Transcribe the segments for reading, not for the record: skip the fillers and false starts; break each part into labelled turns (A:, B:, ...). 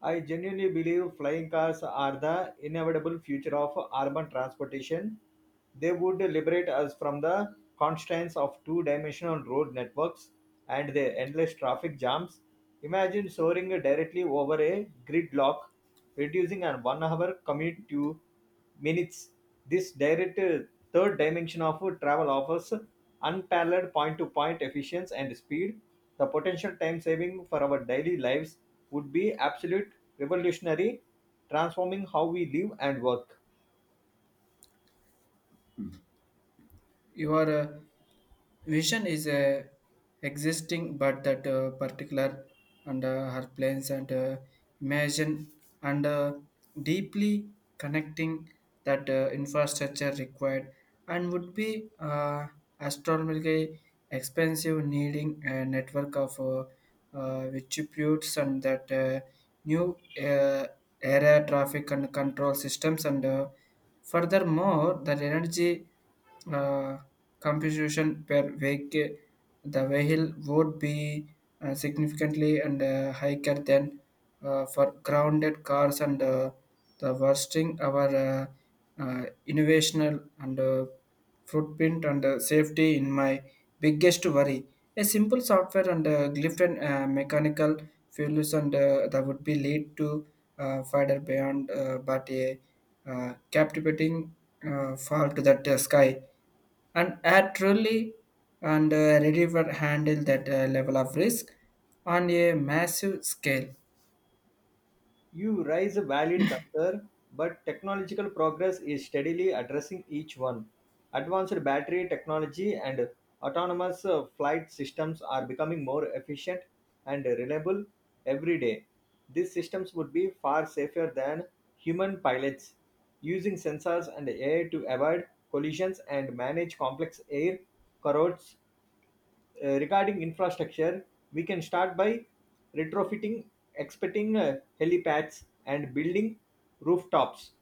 A: I genuinely believe flying cars are the inevitable future of urban transportation. They would liberate us from the constraints of two dimensional road networks and their endless traffic jams. Imagine soaring directly over a gridlock, reducing a 1 hour commute to minutes. This direct third dimension of travel offers unparalleled point to point efficiency and speed. The potential time saving for our daily lives would be absolute revolutionary, transforming how we live and work.
B: Your vision is existing but that particular and her plans and imagine and deeply connecting that infrastructure required and would be astronomically expensive, needing a network of distributes and that new area traffic and control systems. And Furthermore, the energy uh, compensation per vehicle, the vehicle would be significantly and higher than for grounded cars and the worsting our innovational and footprint and safety in my biggest worry. A simple software and glyph and mechanical failures and that would be lead to further beyond, but a captivating fall to that sky. And I truly and ready for handle that level of risk on a massive scale.
A: You raise a valid concern, but technological progress is steadily addressing each one. Advanced battery technology and autonomous flight systems are becoming more efficient and reliable every day. These systems would be far safer than human pilots, using sensors and AI to avoid collisions and manage complex air corrodes. Regarding infrastructure, we can start by retrofitting, expecting helipads and building rooftops.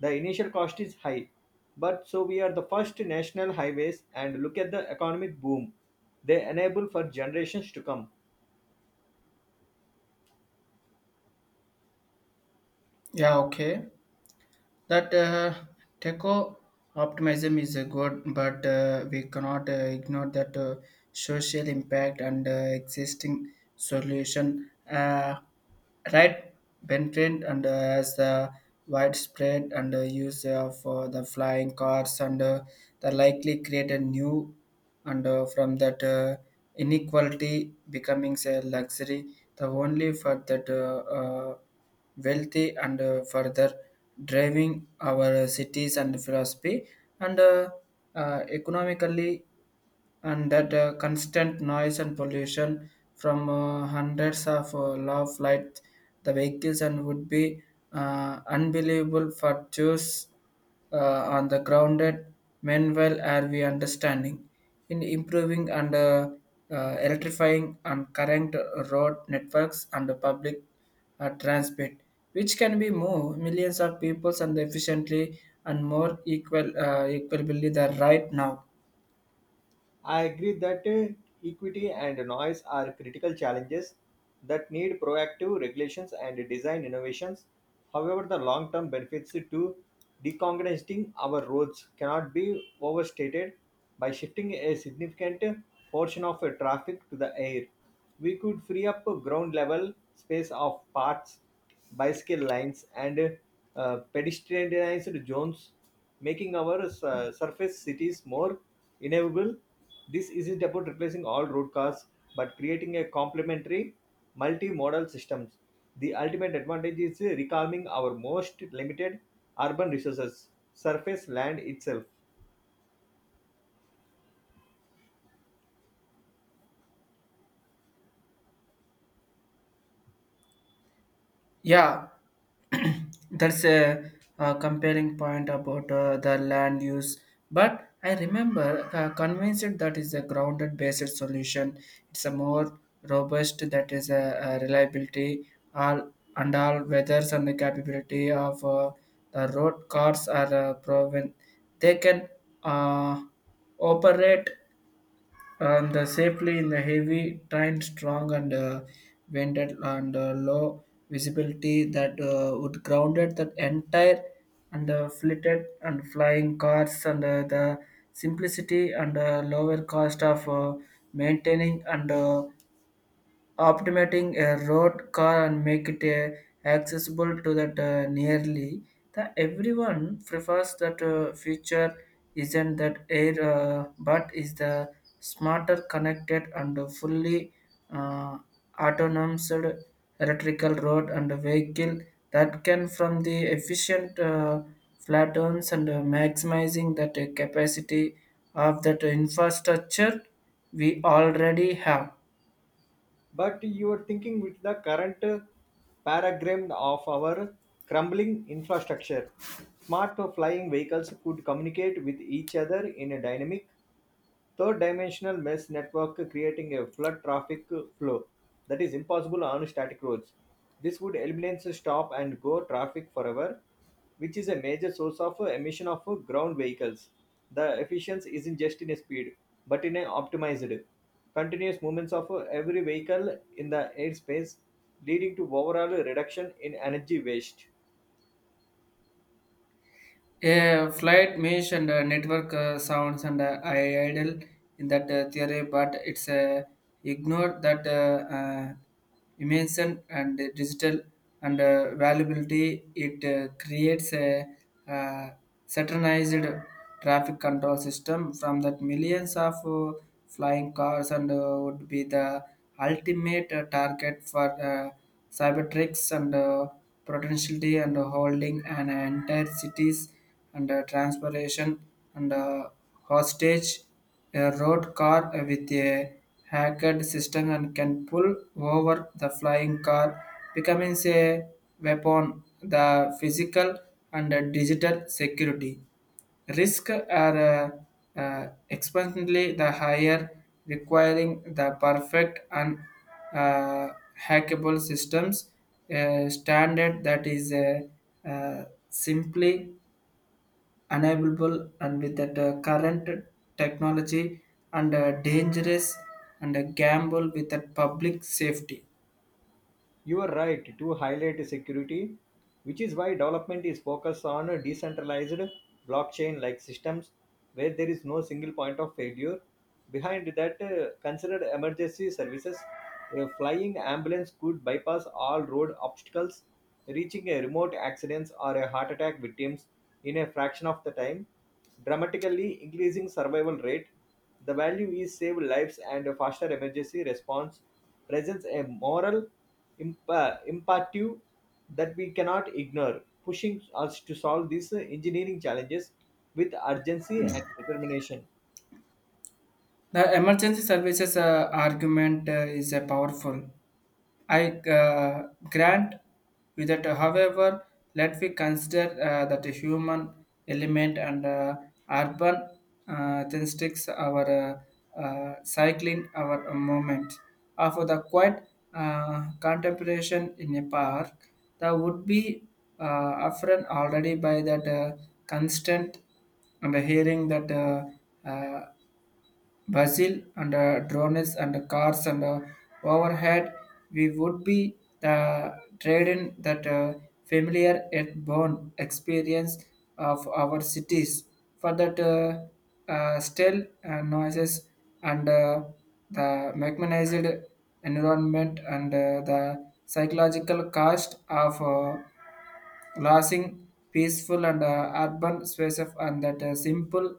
A: The initial cost is high, but so we are the first national highways and look at the economic boom they enable for generations to come.
B: Yeah, okay. That techo optimism is a good, but we cannot ignore that social impact and existing solution, right, bentrend. And As the widespread and use of the flying cars and the likely create a new and from that inequality, becoming a luxury the only for that wealthy and further driving our cities and philosophy and economically, and that constant noise and pollution from hundreds of low flight the vehicles and would be unbelievable for Jews on the grounded. Meanwhile, are we understanding in improving and electrifying and current road networks and the public transport, which can be more millions of people and efficiently and more equal, equally the right now.
A: I agree that equity and noise are critical challenges that need proactive regulations and design innovations. However, the long term benefits to decongesting our roads cannot be overstated. By shifting a significant portion of traffic to the air, we could free up ground level space of parks, bicycle lanes, and pedestrianized zones making our surface cities more inevitable. This isn't about replacing all road cars, but creating a complementary multimodal systems. The ultimate advantage is reclaiming our most limited urban resources, surface land itself.
B: Yeah, that's a, compelling point about the land use. But I remember convinced that is a grounded based solution. It's a more robust that is a reliability all and all weathers, and the capability of the road cars are proven. They can uh, operate and safely in the heavy train strong and vented and low visibility that would grounded that entire and flitted and flying cars. And The simplicity and lower cost of maintaining and optimating a road car and make it accessible to that nearly the everyone prefers that feature isn't that air, but is the smarter connected and fully uh, autonomous electrical road and vehicle that can from the efficient flatons and maximizing that capacity of that infrastructure we already have.
A: But you are thinking with the current paradigm of our crumbling infrastructure, smart flying vehicles could communicate with each other in a dynamic third dimensional mesh network creating a flood traffic flow that is impossible on static roads. This would eliminate stop and go traffic forever, which is a major source of emission of ground vehicles. The efficiency isn't just in speed, but in an optimized, continuous movements of every vehicle in the airspace, leading to overall reduction in energy waste.
B: A flight mesh and network sounds and I idle in that theory, but it's ignore that dimension and the digital and valuability. It creates a uh, saturnized traffic control system from that millions of flying cars and would be the ultimate target for. Cybertricks and potentiality and holding an entire cities and transportation and hostage. A road car with a hacked system and can pull over the flying car, becoming a weapon. The physical and digital security risk are exponentially the higher, requiring the perfect and uh, hackable systems, a standard that is simply unavailable and with that current technology and dangerous and a gamble with that public safety.
A: You are right to highlight security, which is why development is focused on decentralized blockchain like systems where there is no single point of failure. Behind that, considered emergency services. A flying ambulance could bypass all road obstacles, reaching a remote accidents or a heart attack victims in a fraction of the time, dramatically increasing survival rate. The value is save lives and a faster emergency response presents a moral imp imperative that we cannot ignore, pushing us to solve these engineering challenges with urgency and determination.
B: The emergency services argument is powerful, I grant you that, however, let we consider that a human element and urban statistics, our cycling, our movement. After the quiet contemplation in a park, that would be uh, often already by that constant and hearing that uh, Brazil and drones and cars and overhead, we would be the trade in that familiar yet born experience of our cities for that still noises and the mechanized environment and the psychological cost of lasting, peaceful and urban spaces and that simple,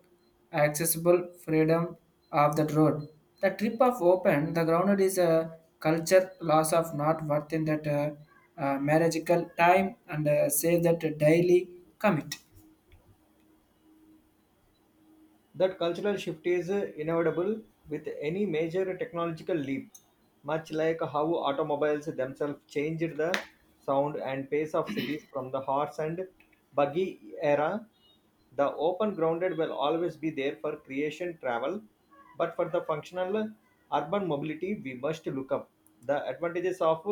B: accessible freedom of that road. The trip of open, the grounded is a culture loss of not worth in that marriageable time and say that daily commit.
A: That cultural shift is inevitable with any major technological leap, much like how automobiles themselves changed the sound and pace of cities from the horse and buggy era. The open grounded will always be there for creation travel but for the functional urban mobility, we must look up the advantages of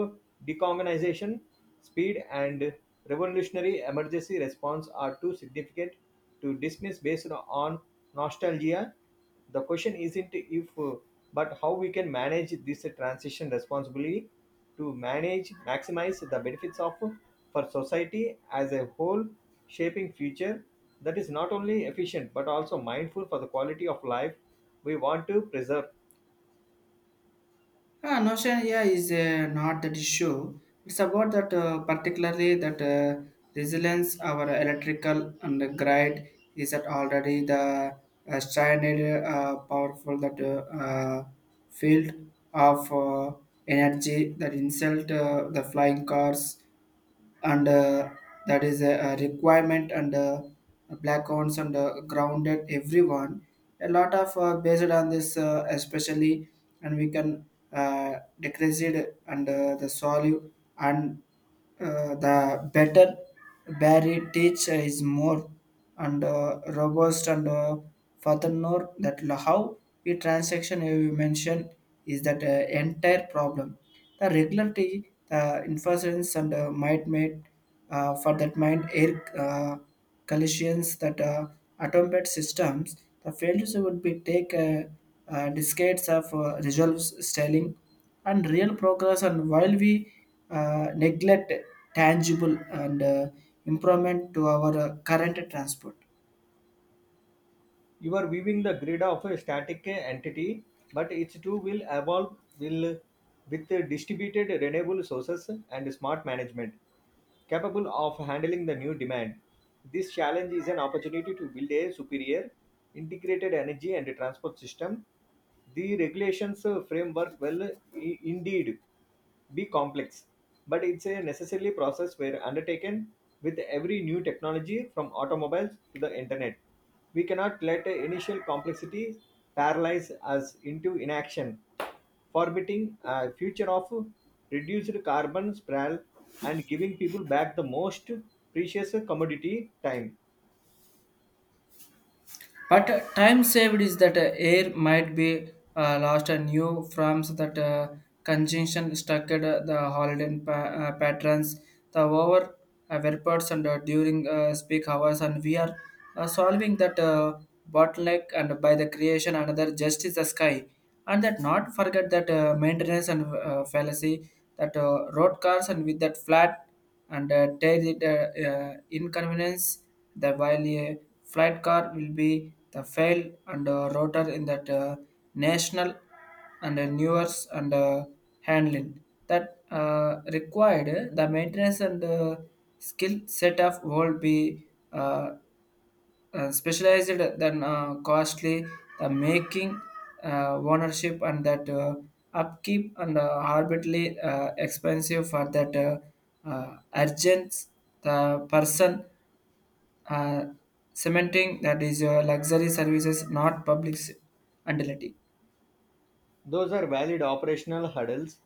A: decarbonization, speed, and revolutionary emergency response are too significant to dismiss based on nostalgia. The question isn't if, but how we can manage this transition responsibly to manage maximize the benefits of for society as a whole shaping future that is not only efficient but also mindful for the quality of life we want to preserve.
B: Ah, notion here is not that issue. It's about that particularly that resilience our electrical and the grid is that already the standard powerful that field of energy that insult the flying cars and that is a requirement and black ones and grounded everyone a lot of based on this especially, and we can uh, decrease it and the solute and the better barry teach is more and robust. And Furthermore, that how we transaction you mentioned is that entire problem, the regularity, the inference and might made for that mind air collisions that automated systems, the failures would be take decades of resolve styling and real progress, and while we neglect tangible and improvement to our current transport.
A: You are weaving the grid of a static entity, but it too will evolve will with distributed renewable sources and smart management capable of handling the new demand. This challenge is an opportunity to build a superior integrated energy and transport system. The regulations framework will indeed be complex, but it's a necessarily process where undertaken with every new technology from automobiles to the internet. We cannot let the initial complexity paralyze us into inaction, forbidding a future of reduced carbon sprawl and giving people back the most precious commodity time.
B: But time saved is that air might be lost, and new forms that conjunction structured the holiday patterns, the over vapours and during peak hours, and we are solving that bottleneck and by the creation another justice the sky, and that not forget that maintenance and fallacy that road cars and with that flat and tell it inconvenience, that while a flight car will be the fail and rotor in that national and newers and handling that required the maintenance and skill set of world be uh, specialized than costly, the making ownership and that upkeep and arbitrarily expensive for that urgent the person uh, cementing that is your luxury services, not public utility.
A: Those are valid operational hurdles,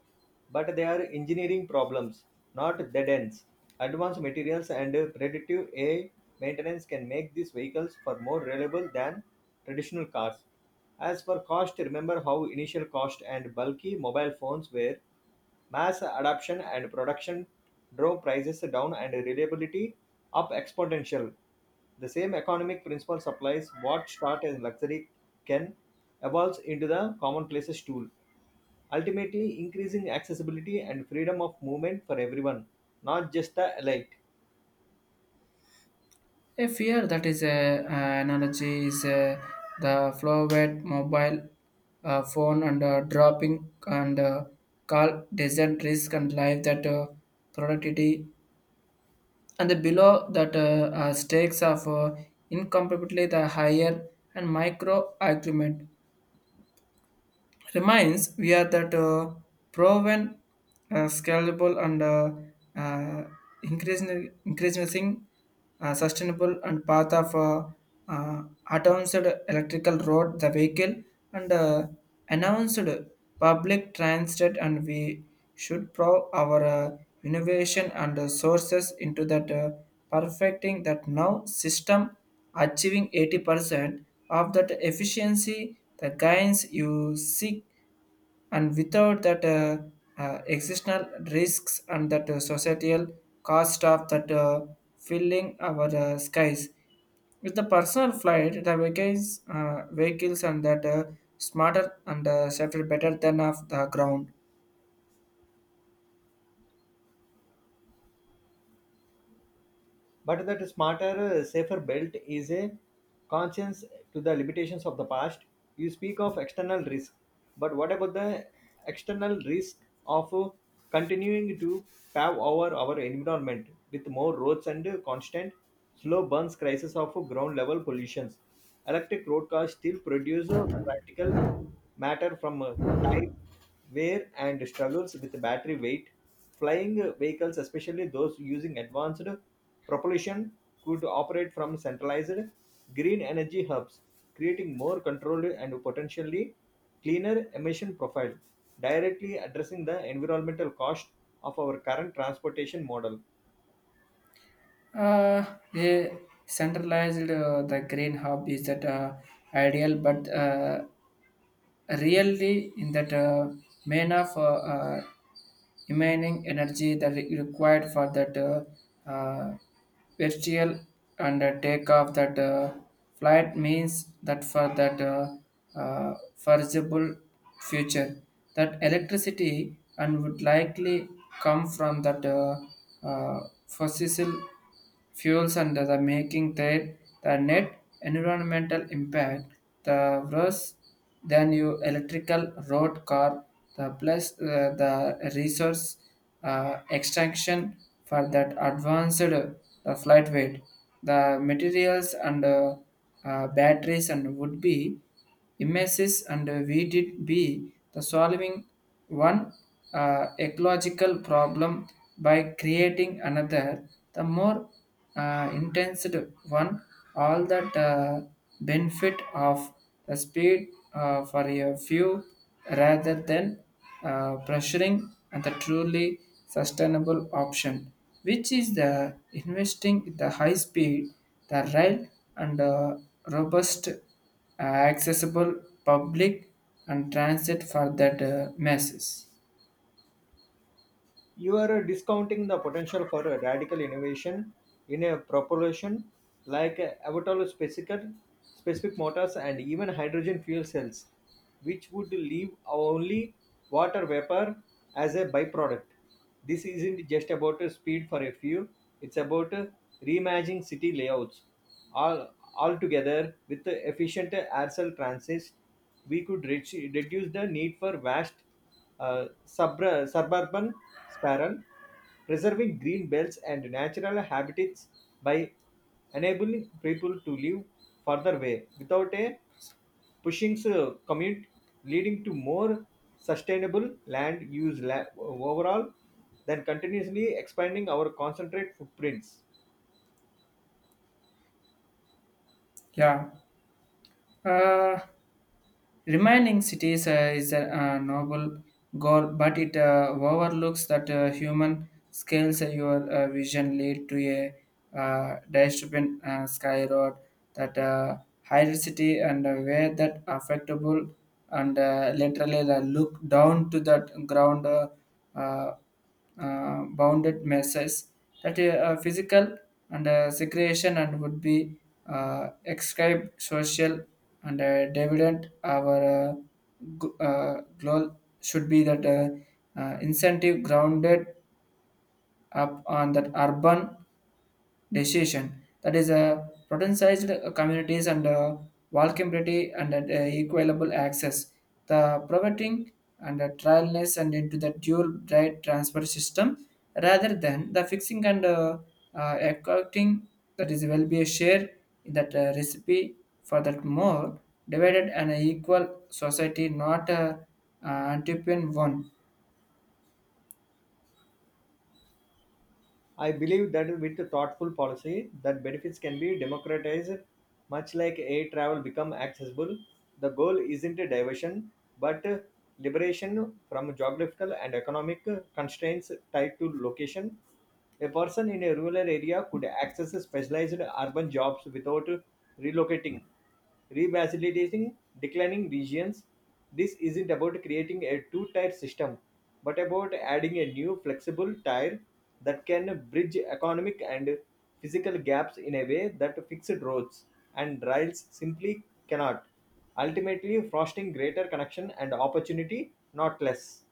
A: but they are engineering problems, not dead ends. Advanced materials and predictive AI maintenance can make these vehicles far more reliable than traditional cars. As for cost, remember how initial cost and bulky mobile phones were. Mass adoption and production drove prices down and reliability up exponential. The same economic principle applies. What starts as luxury can evolve into the commonplace's tool, ultimately increasing accessibility and freedom of movement for everyone, not just the elite.
B: A fear that is a, analogy is the flowed mobile phone and dropping and call desert risk and life that productivity and the below that stakes of incomparably the higher and micro agreement reminds we are that proven, scalable, and uh, increasing sustainable and path of uh, advanced electrical road, the vehicle, and announced public transit, and we should prove our innovation and sources into that perfecting that now system, achieving 80% of that efficiency the gains you seek and without that existential risks and that societal cost of that filling our skies with the personal flight the vehicles and that smarter and safer better than of the ground.
A: But that smarter, safer belt is a conscience to the limitations of the past. You speak of external risk, but what about the external risk of continuing to pave over our environment with more roads and constant slow burns crisis of ground level pollutions? Electric road cars still produce a practical matter from type wear and struggles with battery weight, flying vehicles, especially those using advanced propulsion, could operate from centralized green energy hubs, creating more controlled and potentially cleaner emission profile, directly addressing the environmental cost of our current transportation model.
B: uh, they centralized the green hub is that ideal, but really in that manner for remaining energy that is required for that uh, virtual and take off that flight means, that for that foreseeable future that electricity and would likely come from that uh, fossil fuels and the making their the net environmental impact the worse than your electrical road car, the plus the resource extraction for that advanced flight weight the materials and batteries and would be images, and we did be the solving one ecological problem by creating another, the more intense one, all that benefit of the speed for a few rather than pressuring and the truly sustainable option, which is the investing in the high speed, the rail and robust accessible public and transit for that masses.
A: You are discounting the potential for a radical innovation in a propulsion like specific motors and even hydrogen fuel cells, which would leave only water vapor as a byproduct. This isn't just about a speed for a few, it's about reimagining city layouts. Altogether, with the efficient air cell transit, we could reduce the need for vast suburban sprawl, preserving green belts and natural habitats by enabling people to live further away without a pushing commute, leading to more sustainable land use overall than continuously expanding our concentrate footprints.
B: Yeah, uh, remaining cities is a noble goal, but it overlooks that human scales. Your vision lead to a dystopian sky road that higher city, and where that affectable and literally look down to that ground uh, bounded messes that a physical and segregation and would be ascribed social and dividend our goal should be that incentive grounded up on that urban decision that is a potentialized protectionized communities and vulnerability and equitable access the providing and trialness and into the dual right transfer system rather than the fixing and accounting that is will be a share in that recipe for that more divided and equal society, not a antipian one.
A: I believe that with a thoughtful policy, that benefits can be democratized, much like air travel become accessible. The goal isn't a diversion, but liberation from geographical and economic constraints tied to location. A person in a rural area could access specialized urban jobs without relocating, revitalizing declining regions. This isn't about creating a two tier system, but about adding a new flexible tier that can bridge economic and physical gaps in a way that fixed roads and rails simply cannot. Ultimately, fostering greater connection and opportunity, not less.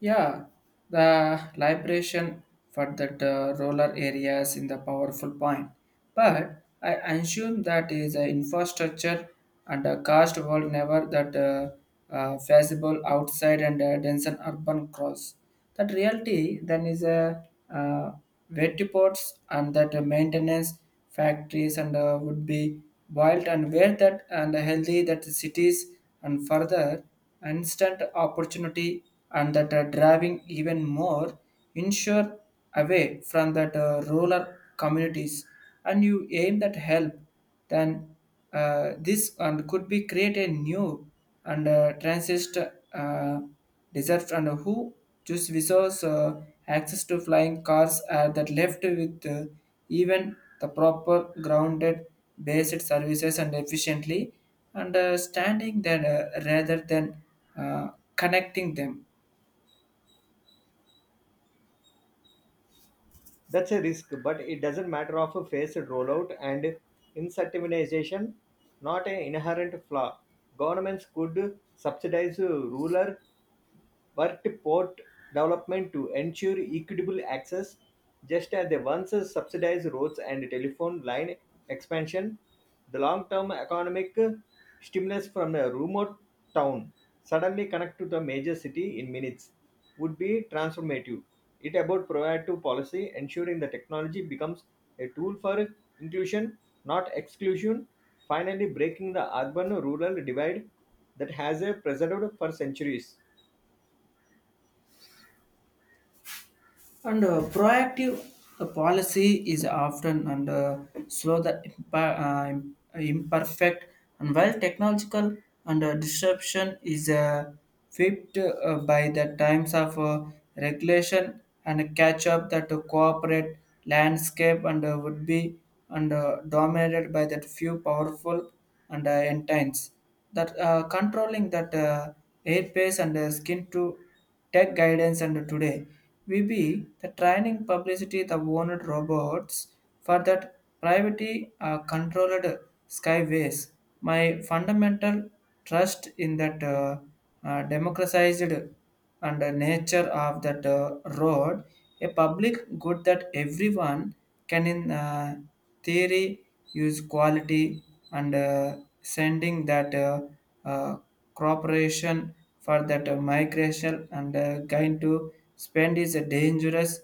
B: Yeah, the liberation for that roller areas in the powerful point. But I assume that is an infrastructure and a cost world never that feasible outside and dense and urban cross. That reality then is a uh, wet ports and that maintenance factories and would be wild and where that and healthy that cities and further instant opportunity and that driving even more ensure away from that rural communities and you aim that help then this and could be create a new and transist uh, desert and who choose visas access to flying cars are that left with even the proper grounded based services and efficiently understanding that rather than uh, connecting them.
A: That's a risk, but it doesn't matter of a phased rollout and incentivization, not an inherent flaw. Governments could subsidize rural worked port development to ensure equitable access, just as they once subsidized roads and telephone line expansion. The long-term economic stimulus from a remote town suddenly connect to the major city in minutes would be transformative. It about proactive policy, ensuring the technology becomes a tool for inclusion, not exclusion, finally breaking the urban-rural divide that has preserved for centuries.
B: And proactive policy is often and slow the imperfect and while technological and disruption is flipped by the times of regulation and catch up that cooperate landscape and would be and dominated by that few powerful and intense that controlling that airspace and skin to tech guidance and today we be the training publicity the owned robots for that privacy controlled skyways. My fundamental trust in that democratized and the nature of that road, a public good that everyone can in theory use quality and sending that uh, cooperation for that migration and going to spend is a dangerous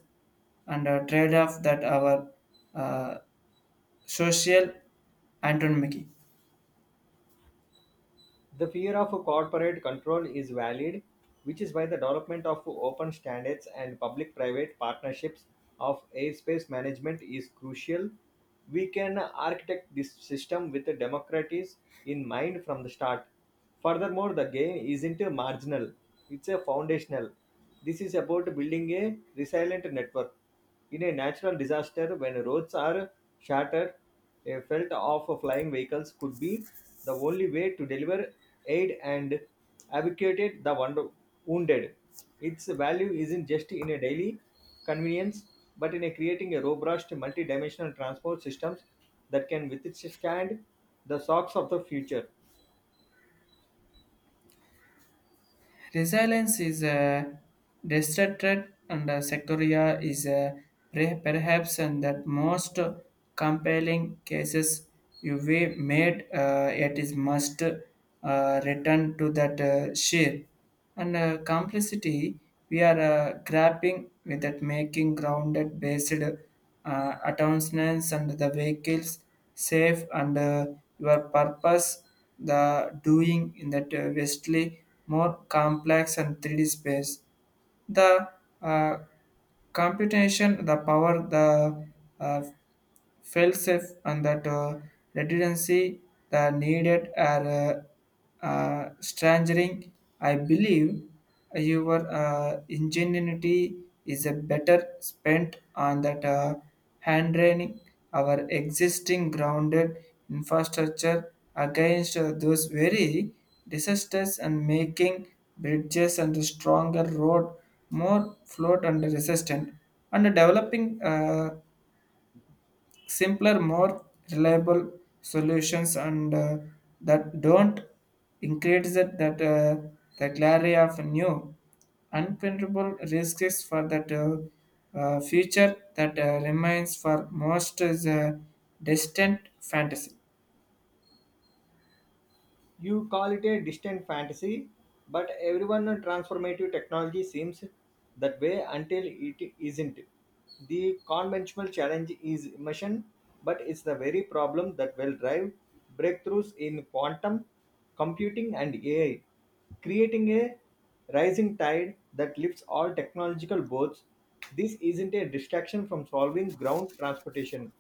B: and a trade-off that our uh, social Anton.
A: The fear of corporate control is valid, which is why the development of open standards and public private partnerships of airspace management is crucial. We can architect this system with the democracies in mind from the start. Furthermore, the gain isn't a marginal, it's a foundational. This is about building a resilient network. In a natural disaster, when roads are shattered, a felt of flying vehicles could be the only way to deliver aid and evacuate the wounded. Its value isn't just in a daily convenience, but in a creating a robust multi-dimensional transport systems that can withstand the shocks of the future.
B: Resilience is a distracted and a sectoria is a perhaps and that most compelling cases you we made it is must return to that share and complexity we are grappling with that making grounded based attachments and the vehicles safe and your purpose the doing in that vastly more complex and 3D space the uh, computation, the power, the uh, failsafe, and that redundancy the needed are strangering. I believe your ingenuity is a better spent on that hand training our existing grounded infrastructure against those very disasters and making bridges and a stronger road more flood and resistant and developing simpler more reliable solutions and that don't increase that the clarity of new unprintable risks for that future that remains for most is a distant fantasy.
A: You call it a distant fantasy, but everyone transformative technology seems that way until it isn't. The conventional challenge is immersion, but it's the very problem that will drive breakthroughs in quantum computing and AI, creating a rising tide that lifts all technological boats. This isn't a distraction from solving ground transportation.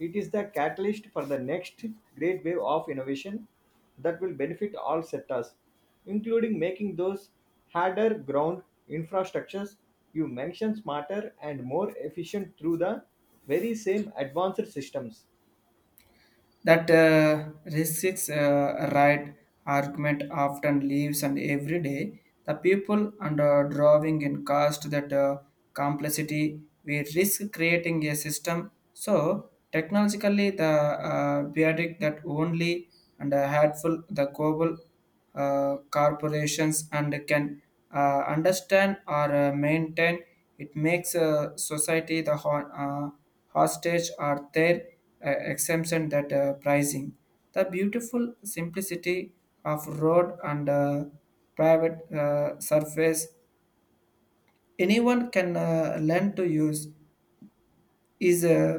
A: It is the catalyst for the next great wave of innovation that will benefit all sectors, including making those harder ground infrastructures you mentioned smarter and more efficient through the very same advanced systems.
B: That restricts right argument often leaves and every day the people under drawing in cost that complexity we risk creating a system so technologically the periodic that only and helpful the global corporations and can understand or maintain it makes society the hostage or their exemption that pricing the beautiful simplicity of road and private surface anyone can learn to use is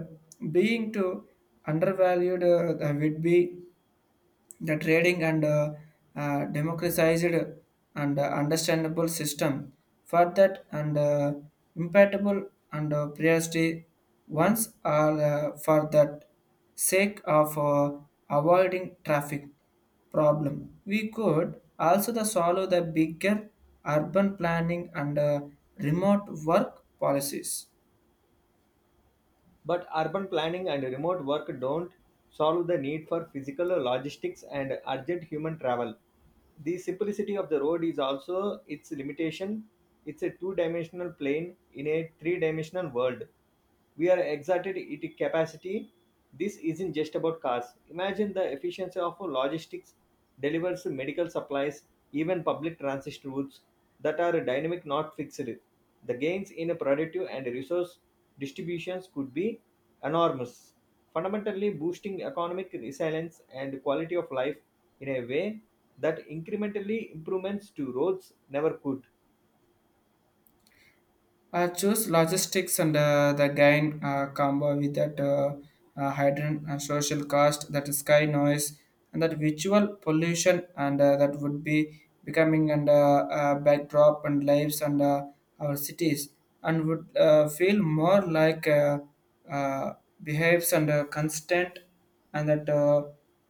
B: being to undervalued would be the trading and democratized and understandable system for that and impeccable and priority ones are for that sake of avoiding traffic problem. We could also the solve the bigger urban planning and remote work policies.
A: But urban planning and remote work don't solve the need for physical logistics and urgent human travel. The simplicity of the road is also its limitation. It's a two dimensional plane in a three dimensional world. We are exerted its capacity. This isn't just about cars. Imagine the efficiency of logistics delivers medical supplies, even public transit routes that are dynamic, not fixed. The gains in productive and resource distributions could be enormous, fundamentally boosting economic resilience and quality of life in a way that incrementally improvements to roads never could.
B: I choose logistics and the gain combo with that hydrogen and social cost, that sky noise, and that visual pollution, and that would be becoming and backdrop and lives and our cities, and would feel more like uh, behaves and constant, and that uh,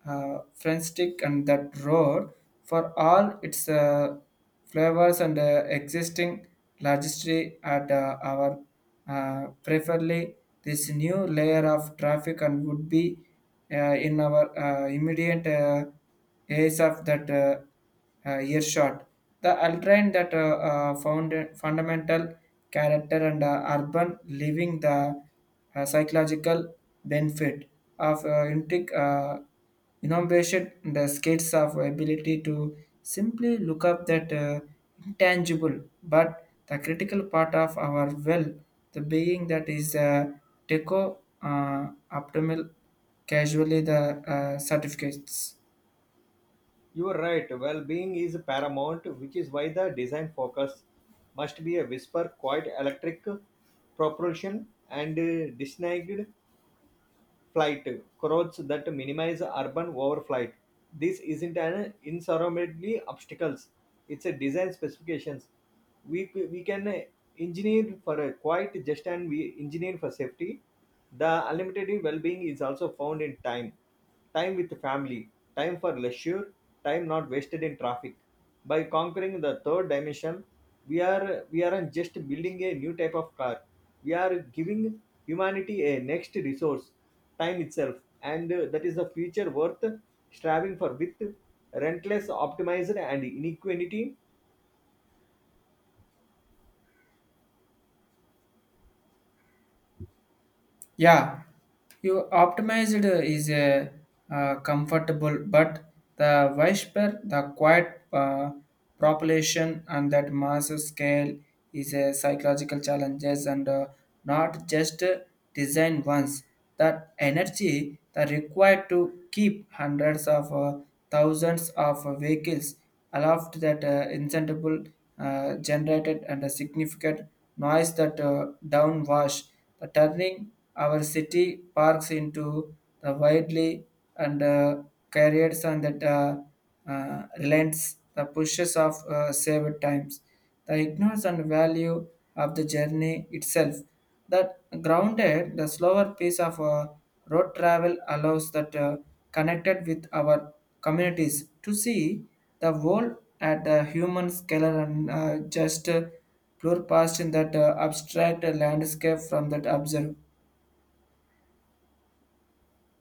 B: uh, friendstick and that road for all its. Flavors and existing registry at our preferably this new layer of traffic and would be in our immediate ace of that earshot. The Ultrain that found fundamental character and urban living the psychological benefit of intrigue. Innovation and the scales of ability to simply look up that intangible but the critical part of our will the being that is deco uh, optimal casually the certificates.
A: You are right, well being is paramount, which is why the design focus must be a whisper, quiet electric propulsion and designed flight routes that minimize urban overflight. This isn't an insurmountable obstacles. It's a design specifications. We can engineer for a quiet just and we engineer for safety. The unlimited well-being is also found in time. Time with family, time for leisure, time not wasted in traffic. By conquering the third dimension, we aren't just building a new type of car. We are giving humanity a next resource time itself, and that is a future worth striving for with relentless optimism and inequality.
B: Yeah, you optimized is a comfortable, but the whisper, the quiet population, and that massive scale is a psychological challenges and not just design once. That energy that required to keep hundreds of thousands of vehicles aloft that incentible generated and a significant noise that downwash, the turning our city parks into the widely and carriers and that relents the pushes of saved times. The ignorance and value of the journey itself. That grounded, the slower pace of road travel allows that connected with our communities to see the world at the human scale and just blur past in that abstract landscape from that observe.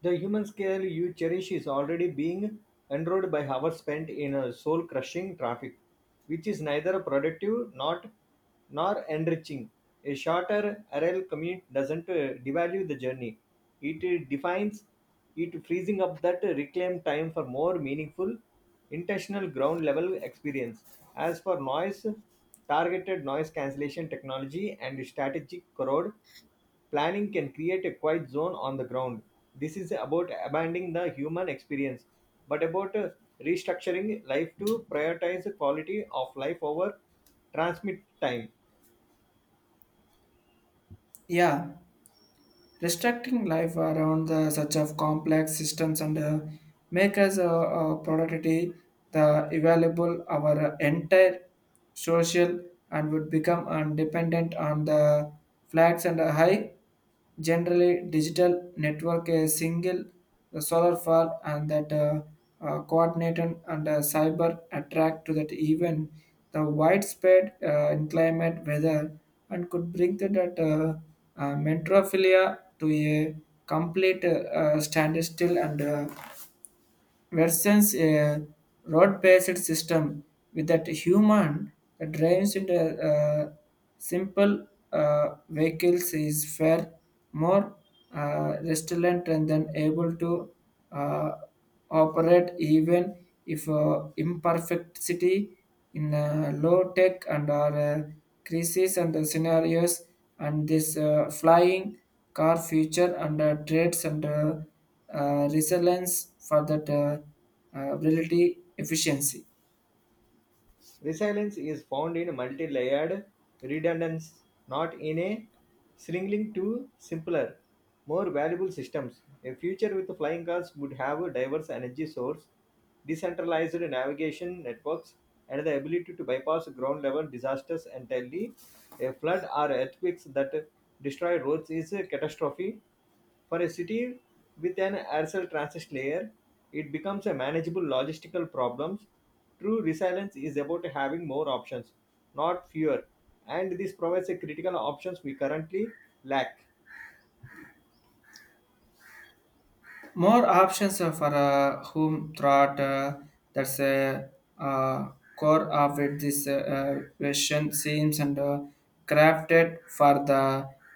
A: The human scale you cherish is already being eroded by hours spent in a soul-crushing traffic, which is neither productive not, nor enriching. A shorter RL commute doesn't devalue the journey. It defines it freezing up that reclaimed time for more meaningful, intentional ground level experience. As for noise, targeted noise cancellation technology and strategic corrode planning can create a quiet zone on the ground. This is about abandoning the human experience, but about restructuring life to prioritize the quality of life over transmit time.
B: Yeah. Restricting life around the such of complex systems and make us a productivity the available our entire social and would become dependent on the flags and a high generally digital network a single the solar fall and that coordinated and cyber attract to that even the widespread in climate weather and could bring to that metrophilia to a complete standstill and versus a road-based system with that human that drives into simple vehicles is far more resilient and then able to uh, operate even if imperfectity in low tech and our crises and the scenarios and this flying car future and trades and resilience for that reality efficiency.
A: Resilience is found in multi-layered redundancy, not in a shrinking to simpler, more valuable systems. A future with flying cars would have a diverse energy source, decentralized navigation networks, and the ability to bypass ground-level disasters entirely. A flood or earthquakes that destroy roads is a catastrophe for a city with an Aircel transit layer, it becomes a manageable logistical problem. True resilience is about having more options, not fewer, and this provides a critical options we currently lack.
B: More options are for whom throughout that's a uh, core of it. This question seems and crafted for the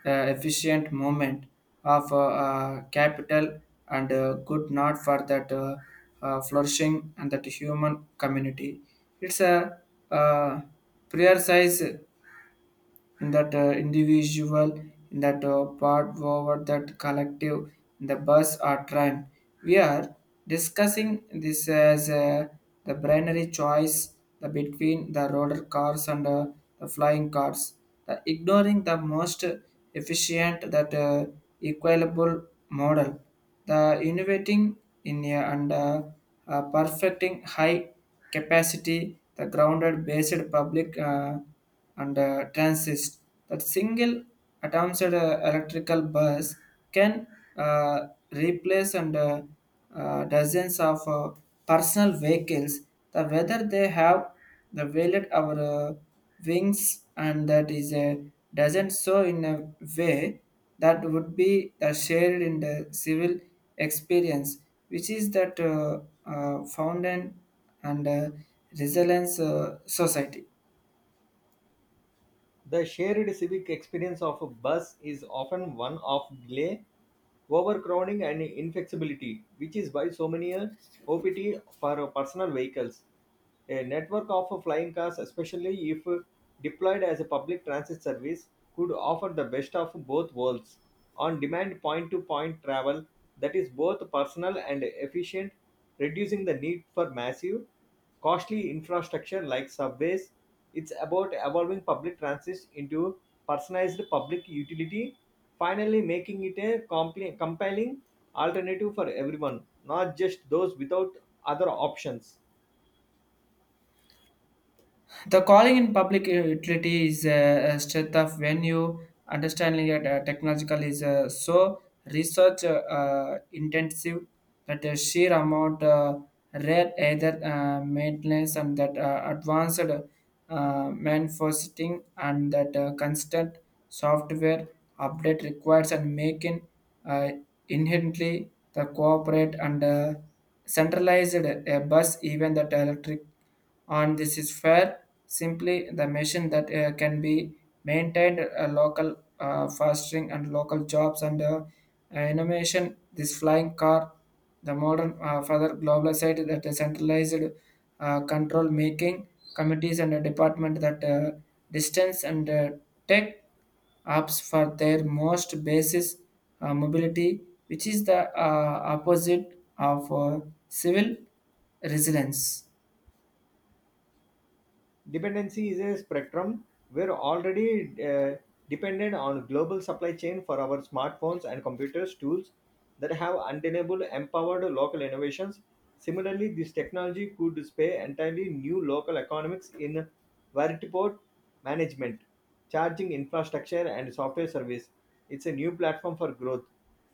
B: efficient movement of capital and good not for that flourishing and that human community. It's a uh, prioritize in that individual, in that part forward, that collective, in the bus or train. We are discussing this as the binary choice the between the roller cars and the flying cars. The ignoring the most efficient that equitable model. The innovating in a and perfecting high capacity the grounded based public. And transist that single atoms at a electrical bus can replace and dozens of personal vehicles the whether they have the valet our wings and that is a doesn't so in a way that would be shared in the civil experience which is that founded and resilience society.
A: The shared civic experience of a bus is often one of delay overcrowding and inflexibility, which is why so many OPT for personal vehicles. A network of flying cars, especially if deployed as a public transit service, could offer the best of both worlds. On demand point to point travel that is both personal and efficient, reducing the need for massive, costly infrastructure like subways. It's about evolving public transit into personalized public utility, finally making it a compelling alternative for everyone, not just those without other options.
B: The calling in public utility is a strength of when you understanding it technological is so research intensive that the sheer amount rare either maintenance and that advanced manifesting and that constant software update requires and making uh, inherently the cooperate and centralized a bus even that electric and this is fair simply the machine that can be maintained local fostering and local jobs and innovation this flying car the modern further global site that is centralized control making committees and a department that distance and tech apps for their most basis mobility which is the opposite of civil resilience.
A: Dependency is a spectrum. We're already dependent on global supply chain for our smartphones and computers tools that have undeniable empowered local innovations. Similarly, this technology could display entirely new local economics in vertiport management, charging infrastructure and software service. It's a new platform for growth.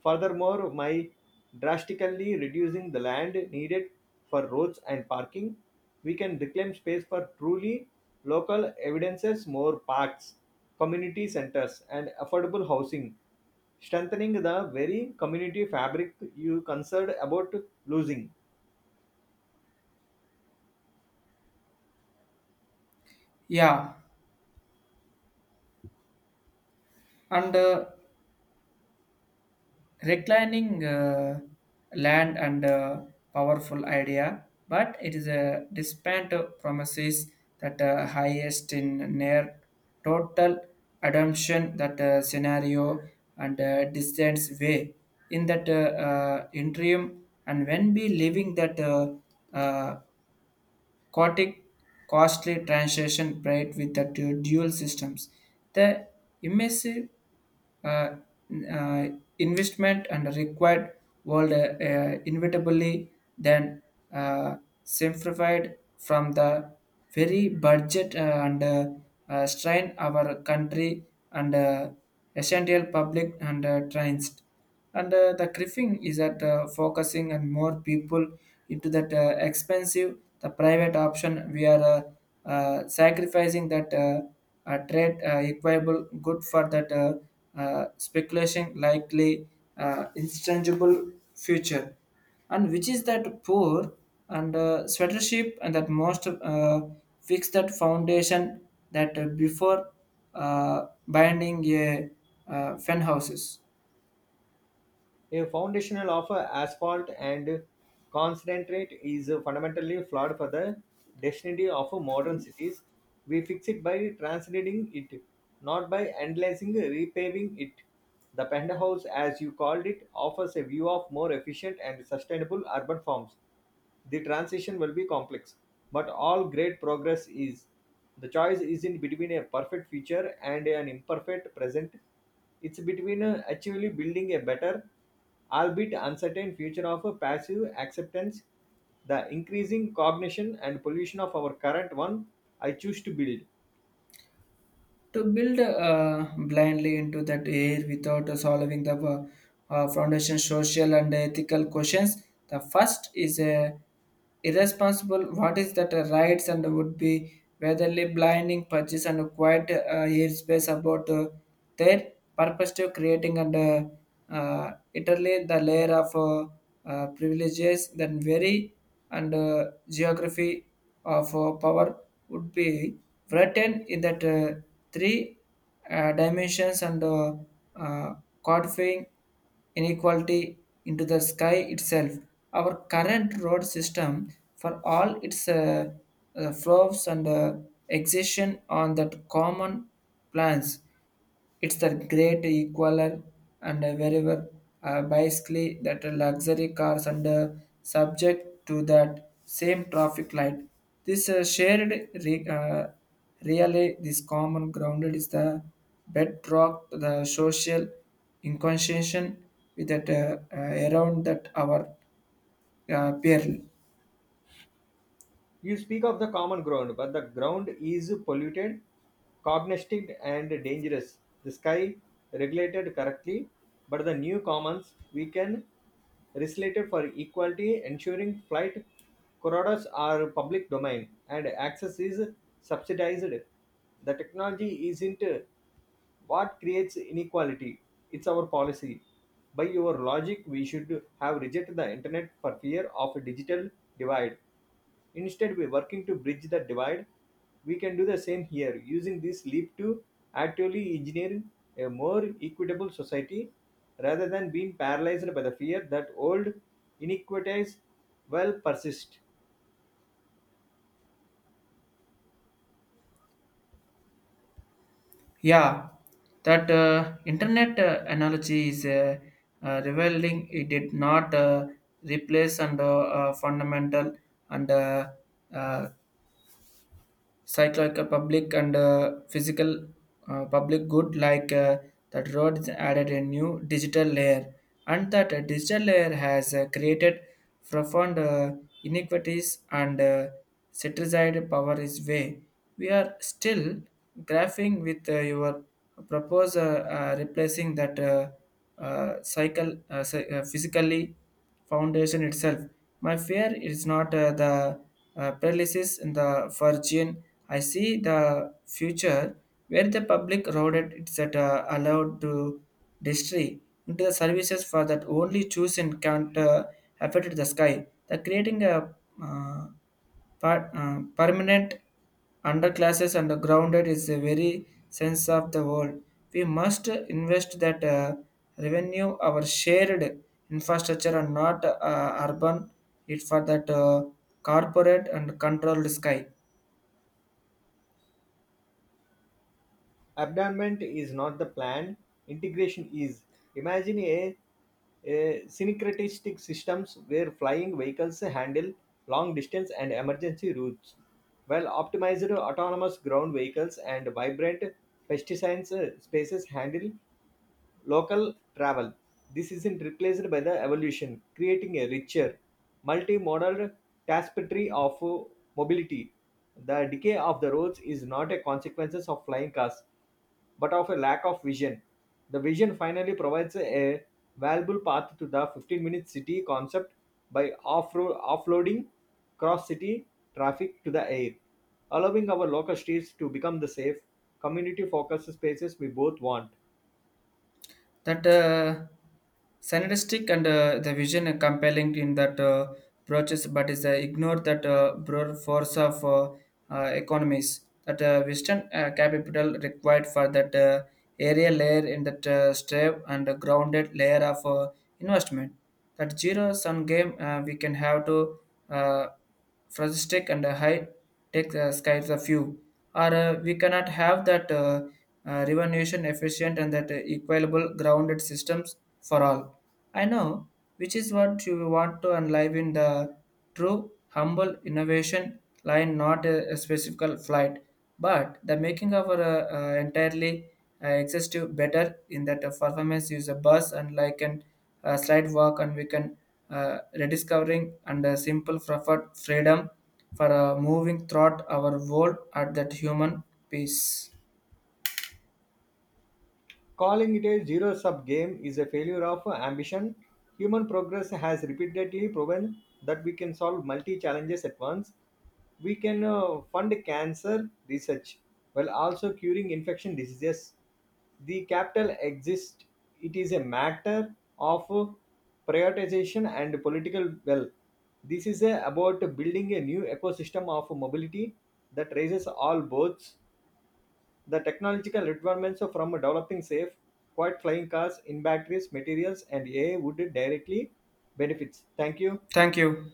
A: Furthermore, by drastically reducing the land needed for roads and parking, we can reclaim space for truly local evidences, more parks, community centers, and affordable housing, strengthening the very community fabric you concerned about losing.
B: Yeah, and reclining land and powerful idea but it is a despite promises that highest in near total adoption that scenario and distance way in that interim and when we living that uh, chaotic, costly transition paired with the dual systems. The immersive uh, uh, investment and required world inevitably then uh, simplified from the very budget and strain our country and essential public and trains and the griffin is at focusing and more people into that expensive the private option we are sacrificing that trade equable good for that speculation likely intangible future and which is that poor and sweater and that most fix that foundation that before binding a fen houses.
A: A foundational of asphalt and concentrate is fundamentally flawed for the destiny of modern cities. We fix it by translating it, not by analyzing repaving it. The penthouse, as you called it, offers a view of more efficient and sustainable urban forms. The transition will be complex, but all great progress is. The choice isn't between a perfect future and an imperfect present. It's between actually building a better, albeit uncertain future of a passive acceptance, the increasing cognition and pollution of our current one. I choose to build.
B: To build blindly into that air without solving the foundation social and ethical questions the first is a irresponsible what is that rights and would be whetherly blinding purchase and a quiet airspace about their purpose to creating and italy the layer of privileges then very and geography of power would be written in that three dimensions and uh, codifying inequality into the sky itself. Our current road system, for all its flaws and excision on that common plans, it's the great equaler, and wherever basically that luxury cars and subject to that same traffic light. This shared re- uh, really this common grounded is the bedrock to the social inconstitution with that around that our peer.
A: You speak of the common ground, but the ground is polluted, cognistic, and dangerous. The sky regulated correctly, but the new commons we can legislated for equality, ensuring flight corridors are public domain and access is subsidized. The technology isn't what creates inequality? It's our policy. By your logic, we should have rejected the internet for fear of a digital divide. Instead, we're working to bridge the divide. We can do the same here, using this leap to actively engineer a more equitable society rather than being paralyzed by the fear that old inequities will persist.
B: Yeah, that internet analogy is revealing. It did not replace and fundamental and uh, cyclical public and physical public good like that roads added a new digital layer and that digital layer has created profound inequities and centralized power is way we are still graphing with your proposal replacing that cycle physically foundation itself. My fear is not the paralysis in the fortune. I see the future where the public roaded is at, allowed to destroy into the services for that only chosen can't affect the sky. The creating a uh, per, permanent underclasses and grounded is the very sense of the world. We must invest that revenue our shared infrastructure and not urban it for that corporate and controlled sky.
A: Abandonment is not the plan, integration is. Imagine a syncretistic systems where flying vehicles handle long distance and emergency routes, while optimized autonomous ground vehicles and vibrant pesticides spaces handle local travel. This isn't replaced by the evolution, creating a richer, multimodal tapestry of mobility. The decay of the roads is not a consequence of flying cars, but of a lack of vision. The vision finally provides a valuable path to the 15-minute city concept by offloading cross city traffic to the air, allowing our local streets to become the safe, community focused spaces we both want.
B: That synergistic and the vision are compelling in that approaches, but is ignored that broad force of economies that Western capital required for that area layer in that strip and a grounded layer of investment. That zero sum game we can have to. Uh, futuristic and high tech skies of you. Or we cannot have that revolution efficient and that equitable grounded systems for all. I know, which is what you want to and live in the true humble innovation line, not a specific flight, but the making of our entirely exhaustive better in that performance use a bus and like an slide walk and we can rediscovering and a simple preferred freedom for moving throughout our world at that human peace.
A: Calling it a zero sum game is a failure of ambition. Human progress has repeatedly proven that we can solve multi challenges at once. We can fund cancer research while also curing infection diseases. The capital exists, it is a matter of prioritization and political will. This is about building a new ecosystem of mobility that raises all boats the technological requirements from developing safe, quiet flying cars in batteries, materials, and AI would directly benefits. Thank you.
B: Thank you.